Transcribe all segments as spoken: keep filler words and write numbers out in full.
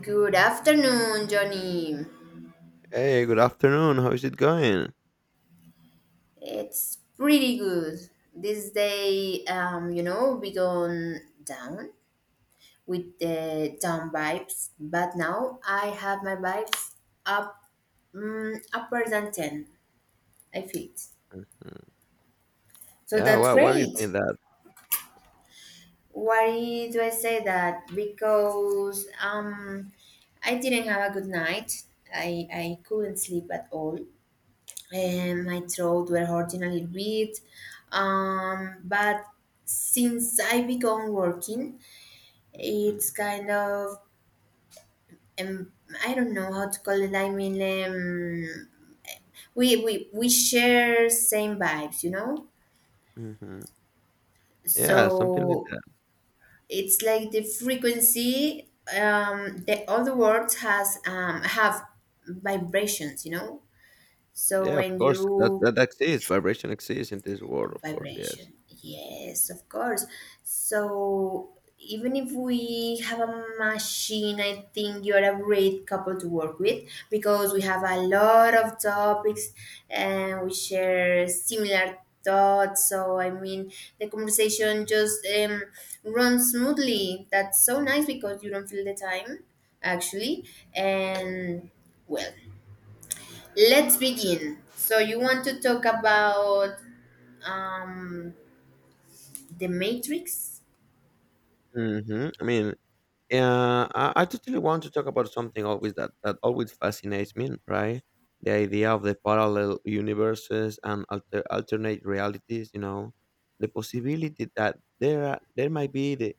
Good afternoon, Johnny. Hey, good afternoon. How is it going? It's pretty good. This day, um, you know, we gone down with the down vibes, but now I have my vibes up, um, upper than ten. I feel it. Mm. So Yeah, that's why, why are you great. saying that? Why do I say that? Because um, I didn't have a good night. I I couldn't sleep at all. And Hmm. my throat were hurting a little bit. Um, but since I began working, it's kind of um, I don't know how to call it. I mean, um, we we we share same vibes, you know. Hmm. Hmm. Yeah, something like So that. it's like the frequency. Um, the all the words has um have vibrations, you know. So Yeah, of when course, that, you that exists. Vibration exists in this world, of course, yes. vibration. Yes, of course. So even if we have a machine, I think you're a great couple to work with because we have a lot of topics and we share similar thoughts. So I mean, the conversation just um, runs smoothly. That's so nice because you don't feel the time actually. And well, let's begin. So you want to talk about um the Matrix? Hmm. I mean, yeah, I, I totally want to talk about something always that, that always fascinates me, right? The idea of the parallel universes and alter, alternate realities, you know, the possibility that there are, there might be the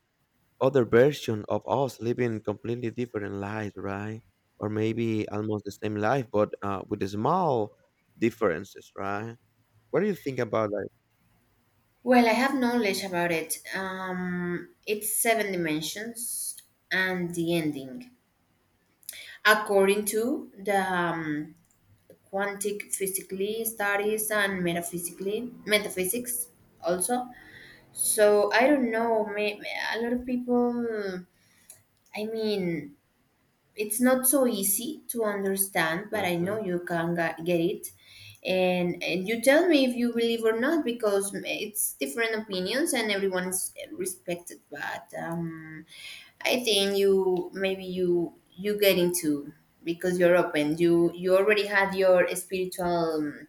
other version of us living completely different lives, right? Or maybe almost the same life, but uh, with the small differences, right? What do you think about that? Well, I have knowledge about it. Um, it's seven dimensions and the ending. According to the um, quantic physically studies and metaphysically metaphysics also. So I don't know. May, may- a lot of people. I mean, it's not so easy to understand, but I Hmm. know you can ga- get it. And, and you tell me if you believe or not because it's different opinions and everyone is respected. But um, I think you maybe you you get into because you're open. You you already had your spiritual um,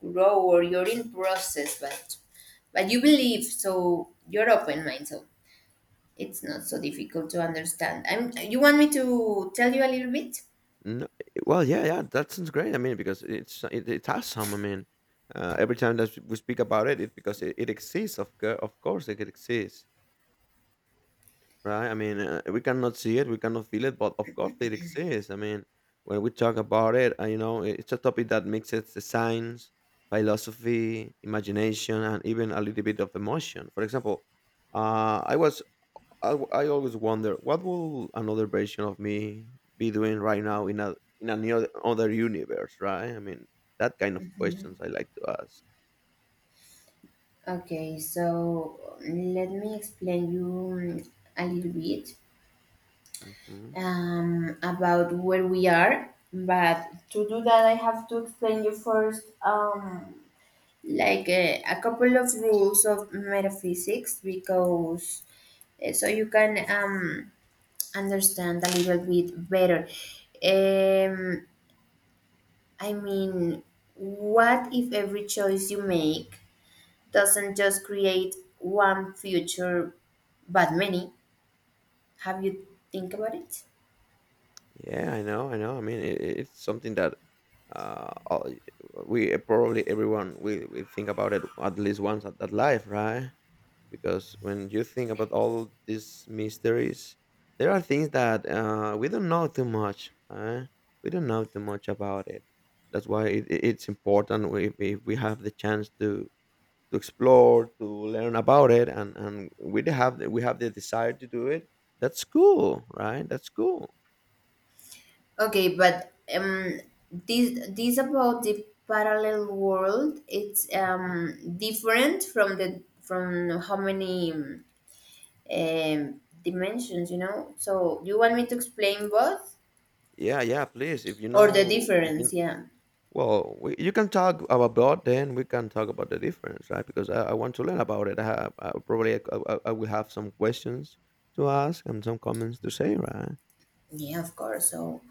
grow or you're in process, but but you believe so you're open minded. So it's not so difficult to understand. I'm, you want me to tell you a little bit? No, well, yeah, yeah, that sounds great. I mean, because it's it, it's awesome. I mean, uh, every time that we speak about it, it because it, it exists. Of course, of course, it exists. Right? I mean, uh, we cannot see it, we cannot feel it, but of course it exists. I mean, when we talk about it, uh, you know, it- it's a topic that mixes the science, philosophy, imagination, and even a little bit of emotion. For example, uh, I was I, w- I always wonder what will another version of me be doing right now in a in another other universe, right? I mean, that kind of questions Mhm. I like to ask. Okay, so let me explain you a little bit Mhm. um, about where we are. But to do that, I have to explain you first, um, like uh, a couple of rules of metaphysics, because uh, so you can um, understand a little bit better. Um, I mean, what if every choice you make doesn't just create one future but many. Have you think about it? Yeah, I know, I know. I mean, it, it- it's something that uh, all- we probably everyone will we think about it at least once at, at life, right? Because when you think about all these mysteries, there are things that uh, we don't know too much. Right? We don't know too much about it. That's why it, it- it's important we, if we have the chance to to explore, to learn about it, and and we have the, we have the desire to do it. That's cool, right? That's cool. Okay, but um, this this about the parallel world. It's um different from the from how many um um, dimensions, you know. So you want me to explain both Yeah, yeah, please. If you or the know, if you, difference? Yeah. Well, we, you can talk about then we can talk about the difference, right? Because I, I want to learn about it. I have, I probably I, I, I will have some questions to ask and some comments to say, right? Yeah, of course. So,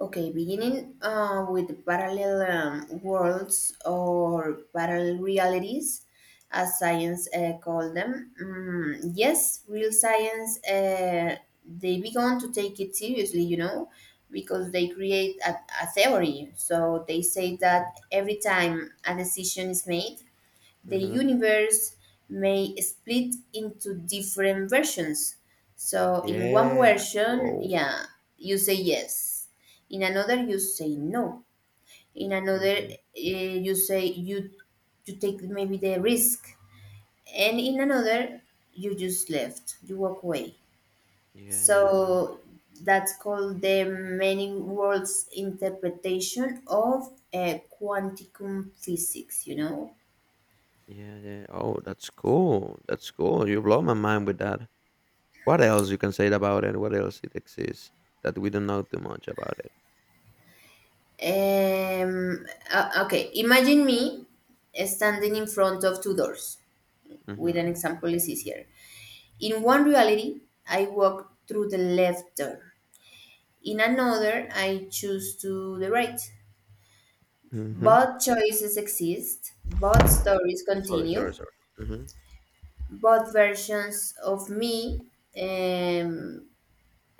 okay, beginning uh, with parallel um, worlds or parallel realities, as science uh, call them. Mm, yes, real science. Uh, they began to take it seriously, you know, because they create a, a theory. So they say that every time a decision is made the Mm-hmm. universe may split into different versions. So, in one Yeah. version, Whoa. yeah, you say yes. In another, you say no. In another, Mm-hmm. uh, you say you you take maybe the risk, and in another, you just left. You walk away. Yeah, yeah, I know. So that's called the many worlds interpretation of uh, quantum physics, you know. Yeah, yeah. Oh, that's cool. That's cool. You blow my mind with that. What else you can say about it? What else it exists that we don't know too much about it? Um, uh, okay, imagine me standing in front of two doors. With an Mm-hmm. example, is easier. In one reality, I walk through the left door. In another, I choose to the right. Mm-hmm. Both choices exist, both stories Sorry, continue, sorry, sorry. Mm-hmm. both versions of me um,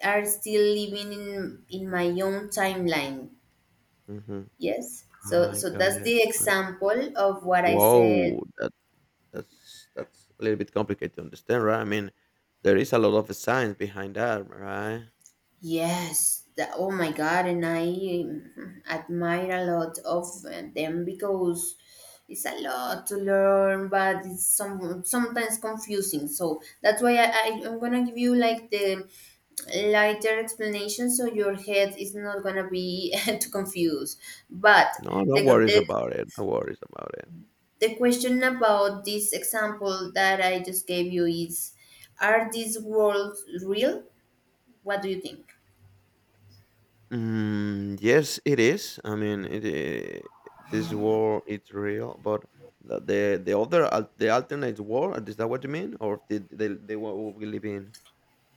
are still living in, in my own timeline. Mm-hmm. Yes. So I so got that's it, the got it. example of what I said. Whoa, that that's that's a little bit complicated to understand, right? I mean, there is a lot of science behind that, right? Yes, the, oh my God, and I mm, admire a lot of them because it's a lot to learn, but it's some sometimes confusing. So that's why I, I I'm gonna give you like the lighter explanation, so your head is not gonna be too confused. But No, no the worries the about it. No worries about it. the question about this example that I just gave you is, are these worlds real? What do you think? Mm, yes, it is. I mean, it, I this war it's real, but the the, the other al- the alternate war is that what you mean, or the the the war we live in?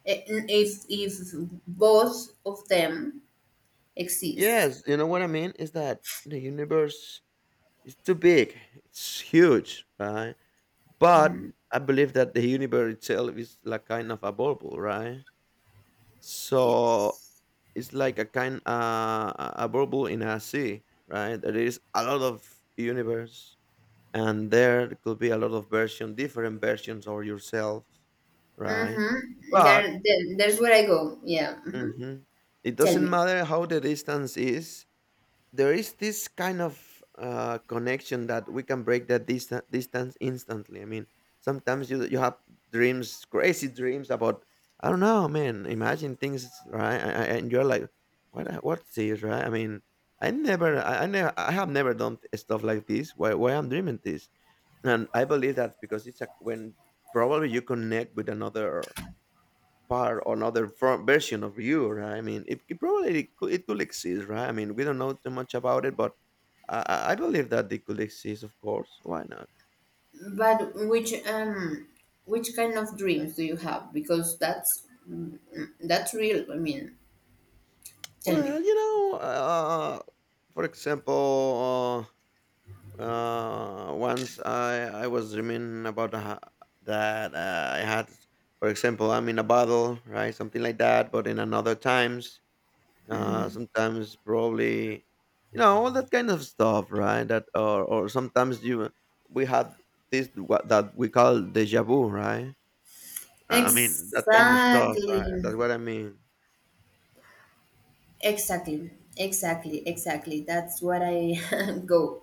if if both of them exist. Yes, you know what I mean is that the universe is too big. It's huge, right? But I believe that the universe itself is like kind of a bubble, right? So Yes. it's like a kind uh, a bubble in a sea, right? There is a lot of universe, and there could be a lot of version, different versions of yourself, right? Mm-hmm. But there, there there's where I go. Yeah. Hmm. mhm, it Tell doesn't me. matter how the distance is. There is this kind of uh, connection that we can break that dista- distance instantly. I mean, sometimes you you have dreams, crazy dreams about I don't know, man. Imagine things, right? I- I- And you're like, what? uh, What's this, right? I mean, I never, I, I never, I have never done stuff like this. Why? Why I'm dreaming this? And I believe that because it's a, when probably you connect with another part or another ver- version of you, right? I mean, it, it probably it could, it could exist, right? I mean, we don't know too much about it, but I, I I believe that they could exist, of course. Why not? But which um which kind of dreams do you have? Because that's mm, that's real. I mean, tell me. Well, you know, uh, for example, uh, uh, once I, I was dreaming about a, ha- that uh, I had, for example, I'm in a bottle, right? Something like that. But in another times, uh sometimes probably you know all that kind of stuff, right? That or or sometimes you we had this what that we call deja vu, right? I I mean that kind of stuff, Exactly, right? That's what I mean. exactly, exactly, exactly, that's what I go.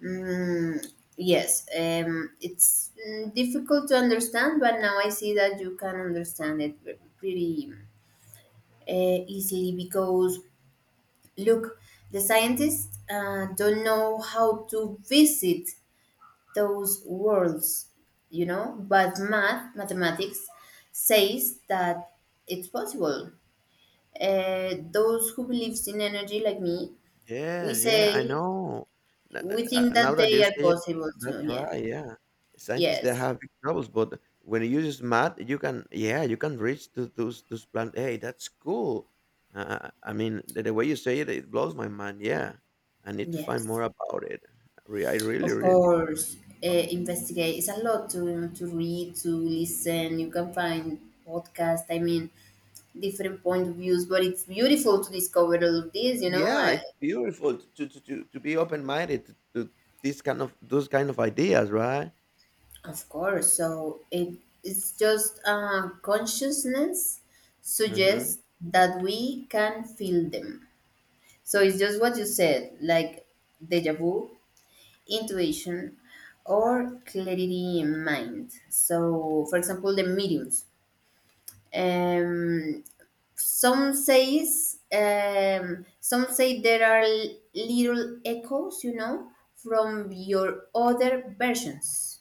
Mm, yes, um, it's mm, difficult to understand, but now I see that you can understand it pre- pretty uh, easily because look, the scientists uh, don't know how to visit those worlds, you know, but math, mathematics says that it's possible. Uh, those who believes in energy like me, Yeah, we yeah, I say, know. N n we think uh, that Now that you they are say it, possible too, that's yeah. right, yeah. Scientists, they Yes. have big troubles, but when you use math, you can, yeah, you can reach to those those plant. Hey, that's cool. Uh, I mean, the, the way you say it, it blows my mind. Yeah, I need to find Yes, more about it. Re- I really, of really need to. course. Uh, investigate. It's a lot to to read, to listen. You can find podcast. I mean, different point of views, but it's beautiful to discover all of this. You know, Yeah, I, it's beautiful to to to, to to be open minded to, to this kind of those kind of ideas, right? of course. So it it's just uh, consciousness Mm-hmm. suggests that we can feel them. So it's just what you said, like deja vu, intuition, or clarity in mind. So, for example, the mediums. Um, some says um, some say there are l- little echoes, you know, from your other versions.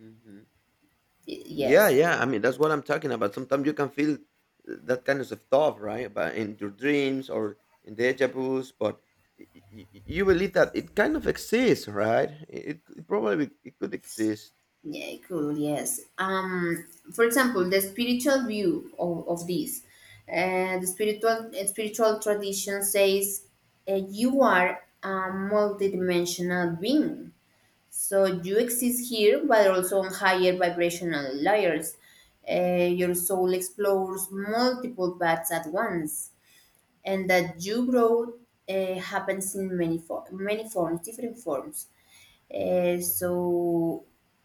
Mm-hmm. Y- Yeah, Yes, yeah. I mean, that's what I'm talking about. Sometimes you can feel uh, that kind of stuff, right? But in your dreams or in deja vu's, but y- y- y- you believe that it kind of exists, right? It, it probably it could exist. yeah, cool. Yes. Um, for example, the spiritual view of, of this, uh, the spiritual uh, spiritual tradition says uh, you are a multidimensional being. So you exist here, but also on higher vibrational layers. Uh, your soul explores multiple paths at once, and that you grow uh, happens in many fo- many forms, different forms. Uh, so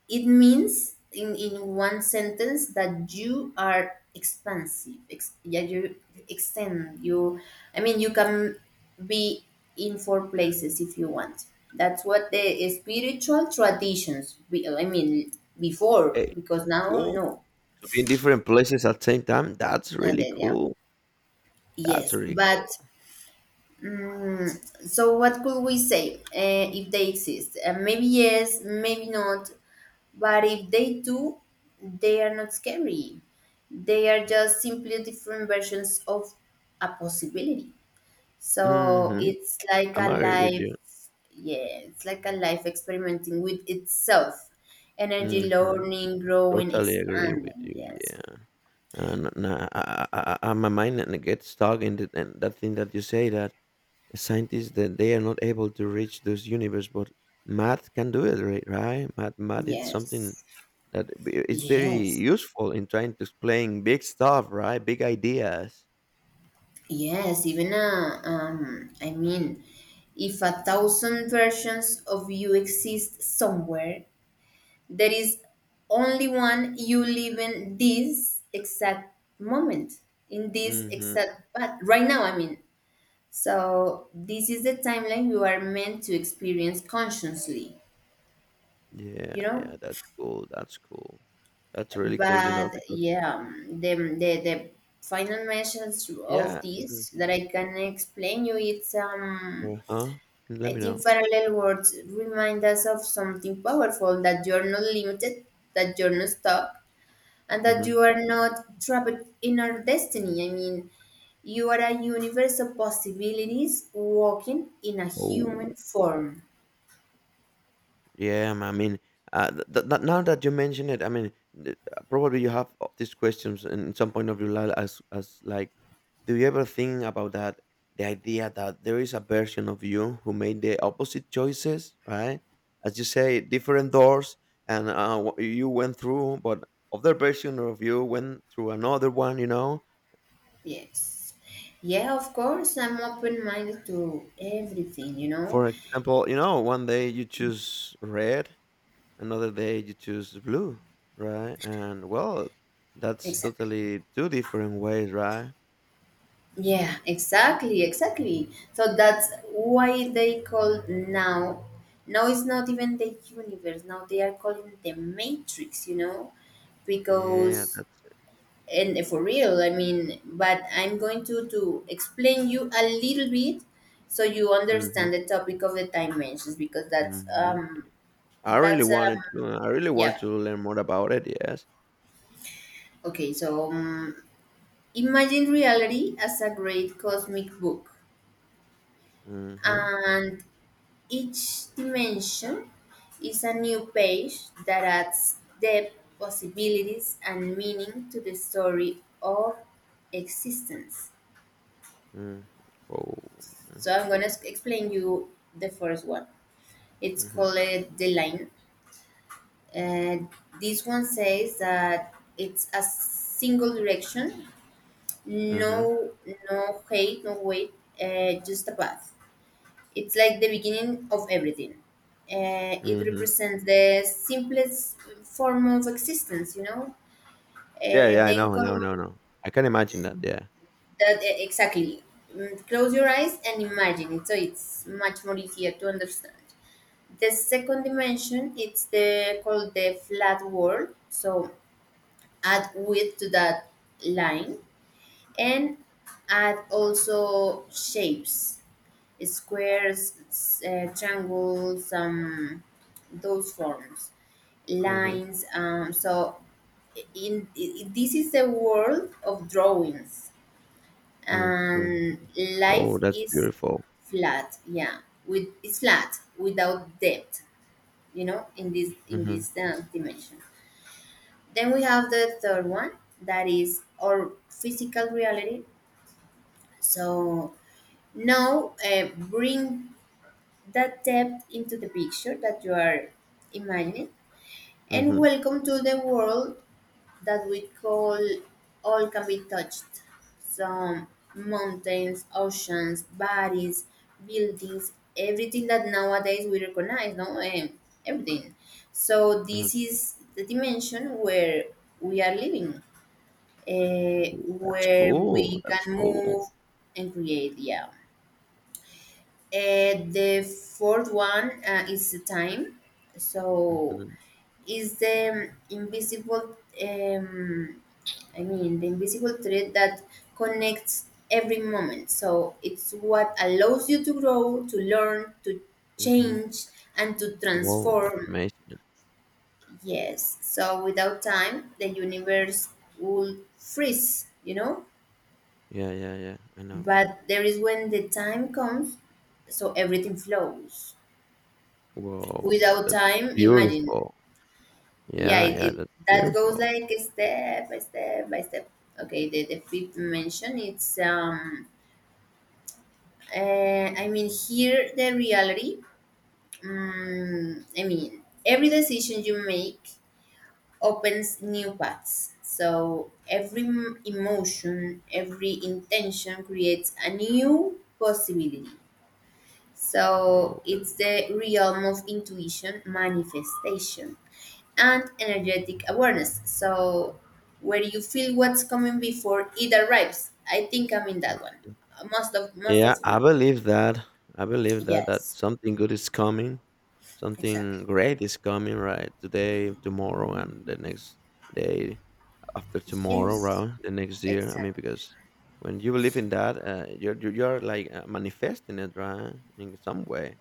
it means in, in one sentence that you are expansive ex- yeah you extend you. I mean you can be in four places if you want. That's what the spiritual traditions be, I mean, before, Eh, because It's now cool no. to be in different places at the same time. That's And really then, yeah. cool. That's Yes, really but cool. mm, so what could we say uh, if they exist, uh, maybe yes, maybe not. But if they do, they are not scary. They are just simply different versions of a possibility. So Mm-hmm. it's like I'm a agree with life, you. yeah, it's like a life experimenting with itself. Energy, Mm-hmm. learning, growing, Totally agree with expanding. you. Yes, Yeah. And uh, I, I, I, I- my mind and it gets stuck in the, and that thing that you say that scientists that they are not able to reach those universe, but math can do it, ri- right math math is something yes, that b- is very yes, useful in trying to explain big stuff, right? Big ideas. yes. Even a, um, I mean, if a thousand versions of you exist somewhere, there is only one you live in this exact moment, in this Hmm. exact, but right now, I mean. So, this is the timeline you are meant to experience consciously, Yeah, you yeah, know? that's cool. That's cool. That's really cool. You know, But because yeah, um, the, the, the final measures of yeah. this that Hmm. I can explain you, it's, um, Uh-huh. Let I me think know. parallel words remind us of something powerful that you're not limited, that you're not stuck, and that you Hmm. are not trapped in our destiny. I mean, you are a universe of possibilities walking in a Oh. human form. Yeah, um, I mean, uh, th- th- th- now that you mention it, I mean, th- uh, probably you have o- these questions in in some point of your life as, as, like, do you ever think about that? The idea that there is a version of you who made the opposite choices, right? As you say, different doors, and uh, wh- you went through, but other version of you went through another one. You know, Yes. Yeah, of course, I'm open minded to everything, you know? For example, you know, one day you choose red, another day you choose blue, right, and well, that's Exactly. totally two different ways, right? Yeah, exactly, exactly. So that's why they call now. Now it's not even the universe. Now they are calling the matrix, you know, Yeah, because that's it. and for real, I mean, but I'm going to to explain you a little bit so you understand Hmm. the topic of the dimensions because that's Hmm. um i really that's wanted um to uh, I really want yeah. to learn more about it, yes. Okay, so um, imagine reality as a great cosmic book Mm-hmm. and each dimension is a new page that adds depth, possibilities and meaning to the story of existence. Mm-hmm. Oh. Mm-hmm. So I'm going to explain you the first one. It's Mm-hmm. called The Line. Uh, this one says that it's a single direction, Mm-hmm. no, no hate, no wait, uh, just a path. It's like the beginning of everything. Uh, it Mm-hmm. represents the simplest form of existence, you know. Yeah, Uh, yeah. I then know, I know. come No, no, I can imagine that, yeah. that eh, exactly. Mm, close your eyes and imagine it, so it's much more easier to understand. The second dimension, it's the called the flat world, so add width to that line, and add also shapes, squares, s- uh, triangles, um, those forms, Mm-hmm. lines, um, so in, I this is the world of drawings, Mm-hmm. and Oh, life that's is beautiful. flat, yeah, with it's flat without depth, you know, in this in Mm-hmm. this um, dimension. Then we have the third one that is our physical reality. So now uh, bring that depth into the picture that you are imagining, and Mm-hmm. welcome to the world that we call all can be touched. So mountains, oceans, bodies, buildings, everything that nowadays we recognize, no? Um, everything. So Mm-hmm. this is the dimension where we are living, uh, Oh, that's where cool. we That's can cool. move and create, yeah. Uh, the fourth one uh, is the time. So Mm-hmm. is the um, invisible, um, I mean, the invisible thread that connects every moment. So, it's what allows you to grow, to learn, to Mm-hmm. change, and to Whoa, that's transform. amazing. Yes. So, without time, the universe would freeze, you know? Yeah, yeah, yeah. I know. But there is when the time comes, so everything flows. Whoa, Without that's time, imagine. beautiful. Yeah, Yeah, it, yeah, it that's that goes beautiful. like step by step by step. Okay, the, the fifth mention, it's um uh, I mean here the reality. Um, I mean every decision you make opens new paths. So every m- emotion, every intention creates a new possibility. Oh. So it's the realm of intuition, manifestation, and energetic awareness. So where you feel what's coming before it arrives. I think I'm in Mm. that one. Uh, Most of most Yeah, of I them. believe that. I believe that that Yes, something good is coming, exactly. something great is coming, right? Today, tomorrow, and the next day after tomorrow, Yes, right? The next year. I mean, exactly. because when you believe in that, uh, you're you're you're, like uh, manifesting it, right? In some way.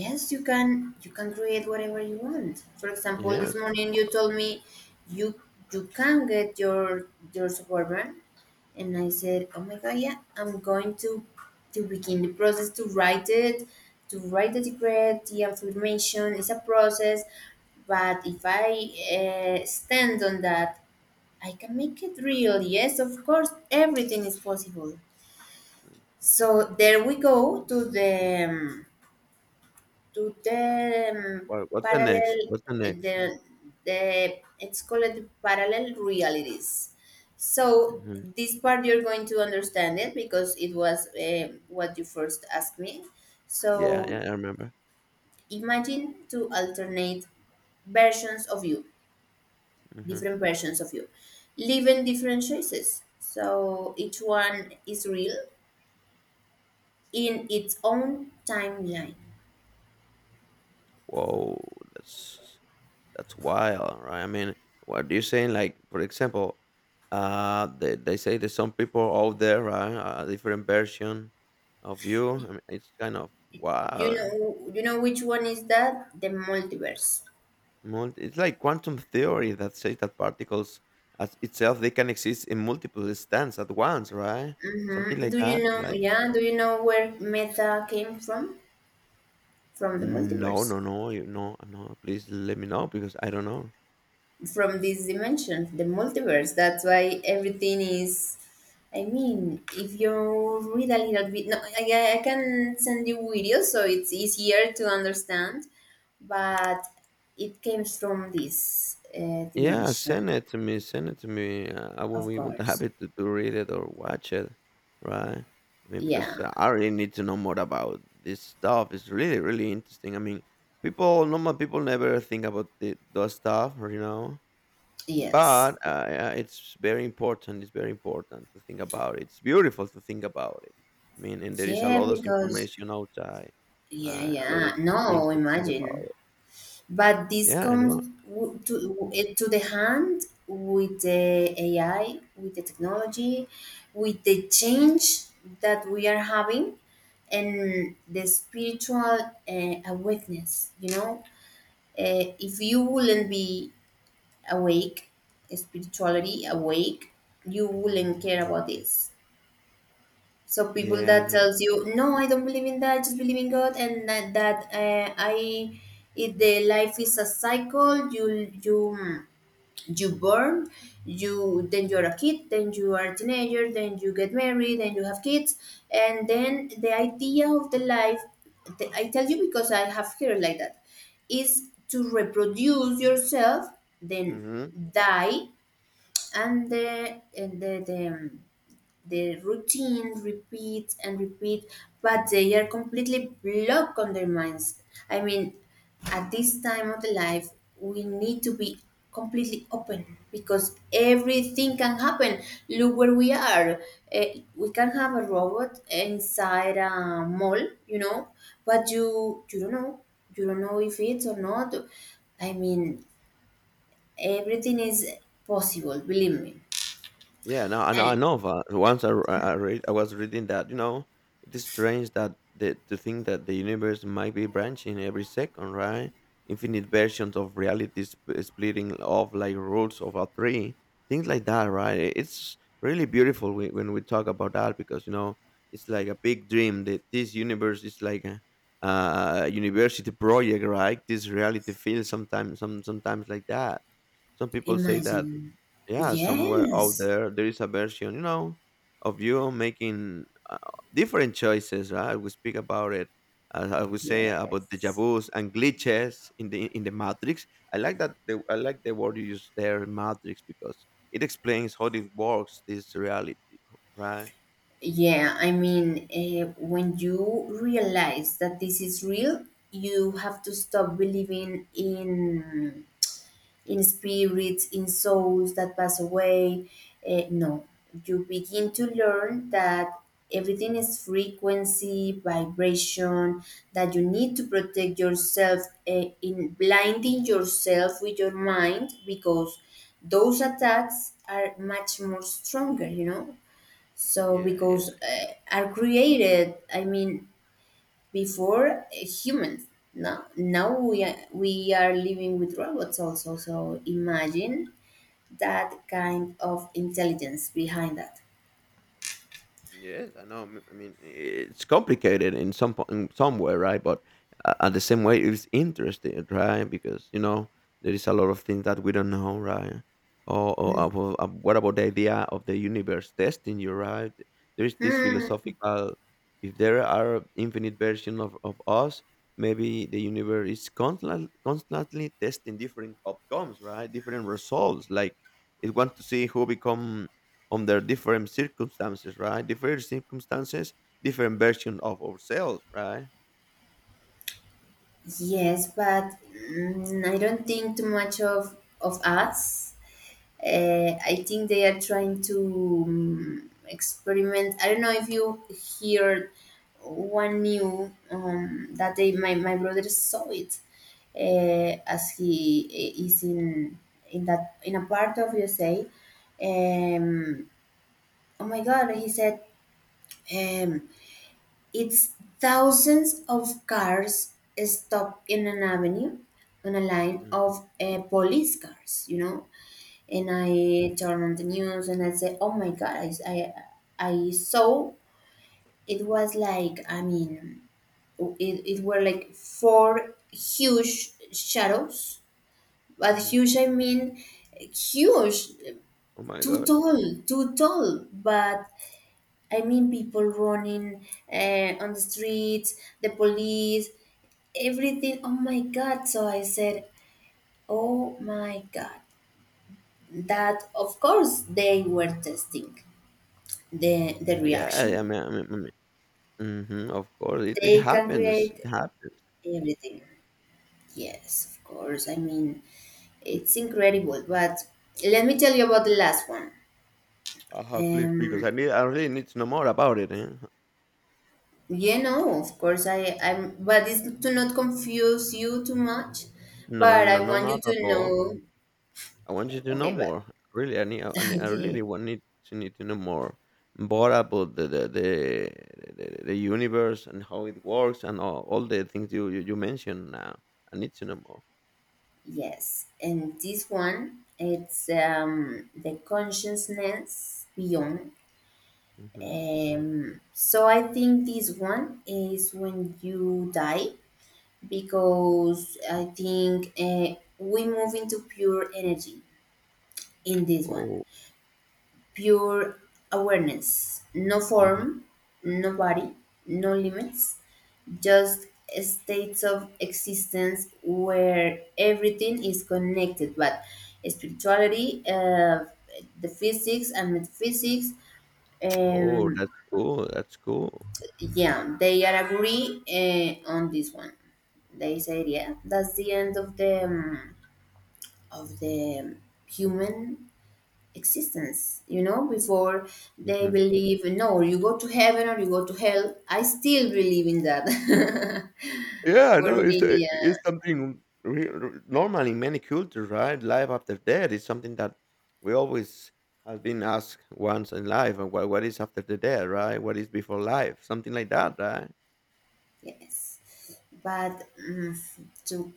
Yes, you can you can create whatever you want. For example, this Yes. morning you told me you you can get your your suburban and I said, "Oh my god, yeah, I'm going to to begin the process to write it, to write the decree, the affirmation. It's a process, but if I uh, stand on that, I can make it real. Yes, of course, everything is possible." Mm. So there we go to the um, to the um, What, what's the parallel next? What's the eh, next? the the it's called the parallel realities. So Hmm. this part you're going to understand it because it was eh, what you first asked me. Yeah, So yeah, I remember. imagine two alternate versions of you, Hmm. different versions of you living different choices, so each one is real in its own timeline. Whoa, that's that's wild, right? I mean, what you're saying, like for example, uh, they, they say that some people out there, right, a different version of you. I mean, it's kind of You wow. know, you know which one is that? The multiverse. Multi- It's like quantum theory that says that particles as itself they can exist in multiple stands at once, right? Something Mhm. like Do that. you know? Like Yeah. Do you know where Meta came from? From the no, multiverse, no, no, you no, no. Please let me know because I don't know. from this dimension, the multiverse. That's why everything is. I mean, if you read a little bit, no, I, I I can send you videos, so it's easier to understand. But it came from this uh, Yeah, dimension, send it to me. Send it to me. Uh, I will of be more than course. happy to, to read it or watch it, right? I mean, because Yeah. uh, I really need to know more about this stuff. It's really, really interesting. I mean, people, normal people never think about the, those stuff, you know. Yes. But uh, yeah, it's very important. It's very important to think about it. It's beautiful to think about it. I mean, and there is a Yeah, lot of because information outside, yeah, right? A lot yeah. of things No, to think about imagine. it. But this Yeah, I comes know. w- to eh, to the hand with the A I, with the technology, with the change that we are having, and the spiritual uh, awakeness. You know, uh, if you wouldn't be awake, spirituality awake, you wouldn't care about this. So people Yeah, I that know. tells you, no, I don't believe in that. I just believe in God, and that, that uh, I, if the life is a cycle, you you you born, you then you are a kid, then you are a teenager, then you get married, then you have kids, and then the idea of the life, the, I tell you because I have heard like that, is to reproduce yourself, then Hmm. die, and the and the, the the routine repeats and repeats, but they are completely blocked on their minds. I mean, at this time of the life, we need to be completely open because everything can happen. Look where we are. Eh, we can have a robot inside a mall, you know, but you you don't know. You don't know if it's or not. I mean, everything is possible. Believe me. Yeah, no, and I know that. Once I I I read, I was reading that you know it is strange that the to think that the universe might be branching every second, right? Infinite versions of reality sp- splitting off like roots of a tree, things like that, right? I- It's really beautiful when, when we talk about that because you know it's like a big dream that this universe is like a, a university project, right? This reality feels sometimes some sometimes like that. Some people say that, Imagine. yeah, somewhere out Yes. there there is a version you know of you making uh, different choices, right? We speak about it. Uh, i would say about Yes. deja vu's and glitches in the in the matrix. I like that the, I like the word you use there, matrix, because it explains how it works, this reality, right? Yeah, I mean, uh, when you realize that this is real, you have to stop believing in in spirits, in souls that pass away. Eh, no, you begin to learn that everything is frequency, vibration, that you need to protect yourself eh, in blinding yourself with your mind because those attacks are much more stronger, you know. So Yeah yeah because uh, are created, I mean, before humans. Now, now we are, we are living with robots also. So imagine that kind of intelligence behind that. Yes, I know. m- I mean, i- it's complicated in some po- in some way, right? But uh, at the same way, it's interesting, right? Because you know there is a lot of things that we don't know, right? Or, or about, uh, what about the idea of the universe testing you, right? There is this Hmm, philosophical. If there are infinite versions of, of us, maybe the universe is constantly constantly testing different outcomes, right? Different results. Like it wants to see who become under different circumstances, right? Different circumstances, different version of ourselves, right? yes, but mm, I don't think too much of of us, uh, I think they are trying to um, experiment. I don't know if you heard one new um, that day. My, my brother saw it uh, as he eh, is in in that in a part of U S A. Um, oh my God! He said um, it's thousands of cars stopped in an avenue on a line Mhm. of uh, police cars. You know, and I turn on the news and I say, "Oh my God, I I, I saw it was like I mean, it, it were like four huge shadows, mm but hmm huge I mean huge, Oh my too gosh. tall, too tall, but." I mean, people running uh, on the streets, the police, everything. Oh my God. So I said, Oh my God. That, of course, they were testing the the Yeah, I reaction. mean, I mean, I mean hmm of course, it, it They can happens. create It happens. everything. Yes, of course, I mean it's incredible, but let me tell you about the last one. Uh, please, because um I need, I really need to know more about it. Eh? you know, of course i i'm but it's to not confuse you too much, No, but I no, no, want you not at to all. know. I want you to know Okay, but more. Really, I need, I, need, I really okay. want need to need to know more, more about the the, the, the, the universe and how it works and all, all the things you, you, you mentioned now. I need to know more. Yes, and this one it's um the consciousness beyond. Hmm. Um, so I think this one is when you die Hmm. because I think uh, we move into pure energy in this one, Oh. pure awareness, no Hmm. form, no body, no limits, just states of existence where everything is connected, but spirituality, uh, the physics and metaphysics. Oh, that's Um, cool. That's cool. Yeah, they are agree uh, on this one. They said, yeah, that's the end of the um, of the human existence. You know, before they Hmm. believe, no, you go to heaven or you go to hell. I still believe in that. Yeah, For no, me, it's uh, yeah. it's something re re normal in many cultures, right? Life after death is something that we always have been asked once in life, and what what is after the death, right? What is before life? Something like that, right? Yes, but mm, to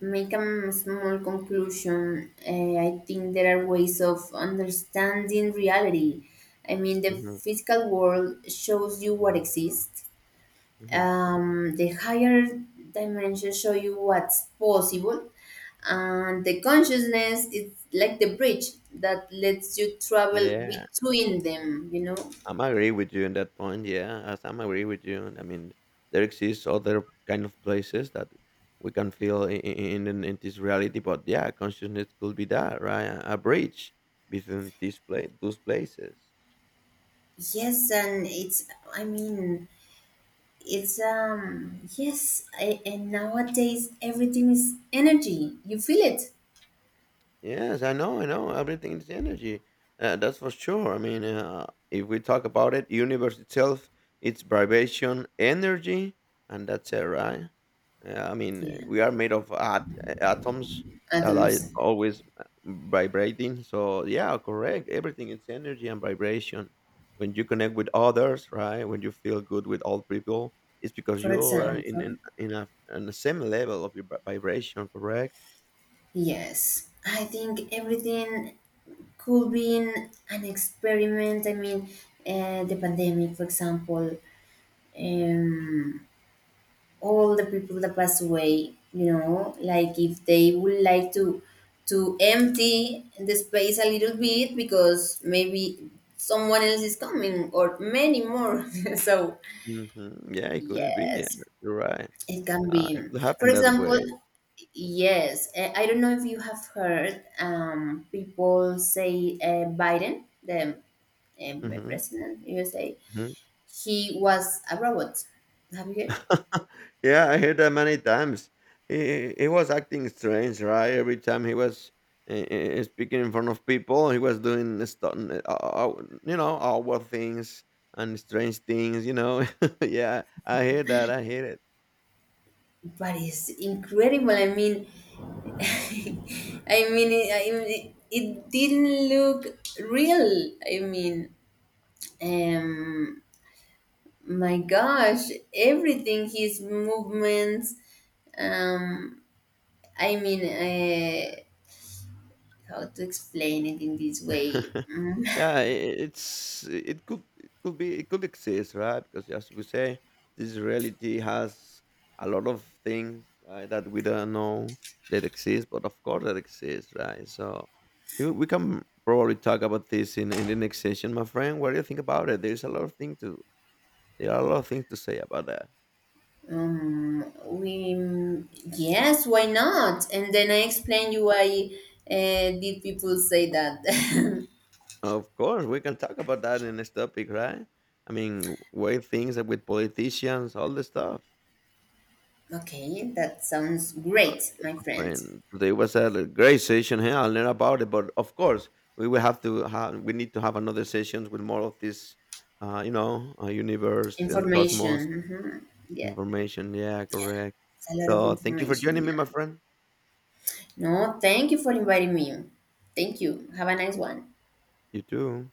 make a m- small conclusion, uh, I think there are ways of understanding reality. I mean, the Hmm. physical world shows you what exists. Hmm. Um, the higher dimensions show you what's possible, and the consciousness is like the bridge that lets you travel Yeah, between them. You know. I'm agree with you on that point. Yeah, as I'm agree with you. And I mean, there exists other kind of places that we can feel in in, in, in this reality, but yeah, consciousness could be that, right? A, a bridge between these place, those places. Yes, and it's. I mean it's um yes, I, and nowadays everything is energy. You feel it, Yes, I know, I know. Everything is energy. Uh, that's for sure. I mean, uh, if we talk about it, universe itself, it's vibration, energy, and that's it, right? Uh, I mean, uh, yeah. we are made of at- atoms that are Atoms, always uh, vibrating. So yeah, correct. Everything is energy and vibration. When you connect with others, right? When you feel good with all people, it's because for you are in example, in, in a, on the same level of your vi- vibration, correct? yes. I think everything could be in an experiment. I mean, uh, the pandemic, for example. Um, all the people that pass away, you know, like if they would like to to empty the space a little bit because maybe someone else is coming or many more so Mhm. Yeah, it could be, yeah, yes you're right. it can Uh, be. It could For happen that example, way. yes, eh, I don't know if you have heard, um, people say uh, Biden, the um, Mhm, president USA, mhm. he was a robot. Have you heard? Yeah, I heard that many times. He he was acting strange, right? Every time he was, eh eh eh, speaking in front of people, he was doing sto uh, uh, you know, awkward things and strange things, you know? Yeah, I hear that, I hear it. But it's incredible, I mean, I mean, it, I mean, it didn't look real. I mean, um, my gosh, everything, his movements. Um, I mean, uh, how to explain it in this way? Mm, Yeah, I I it's it could it could be it could exist, right? Because as we say, this reality has a lot of things, right, that we don't know that exist, but of course that exists, right? So we we can probably talk about this in, in the next session, my friend. What do you think about it? There's a lot of things to there are a lot of things to say about that. Um, we, yes, why not? And then I explain you why uh, did people say that. Of course, we can talk about that in this topic, right? I mean, weird things with politicians, all the stuff. Okay, that sounds great, Okay, my my friend. friend. Today was a great session. Hey, I learned about it, but of course, we will have to have. We need to have another sessions with more of this, uh, you know, uh, universe and Information. cosmos Hmm. Yeah. information. Yeah, correct. It's a lot of So, thank you for information. joining me, my Yeah. friend. No, thank you for inviting me. Thank you. Have a nice one. You too.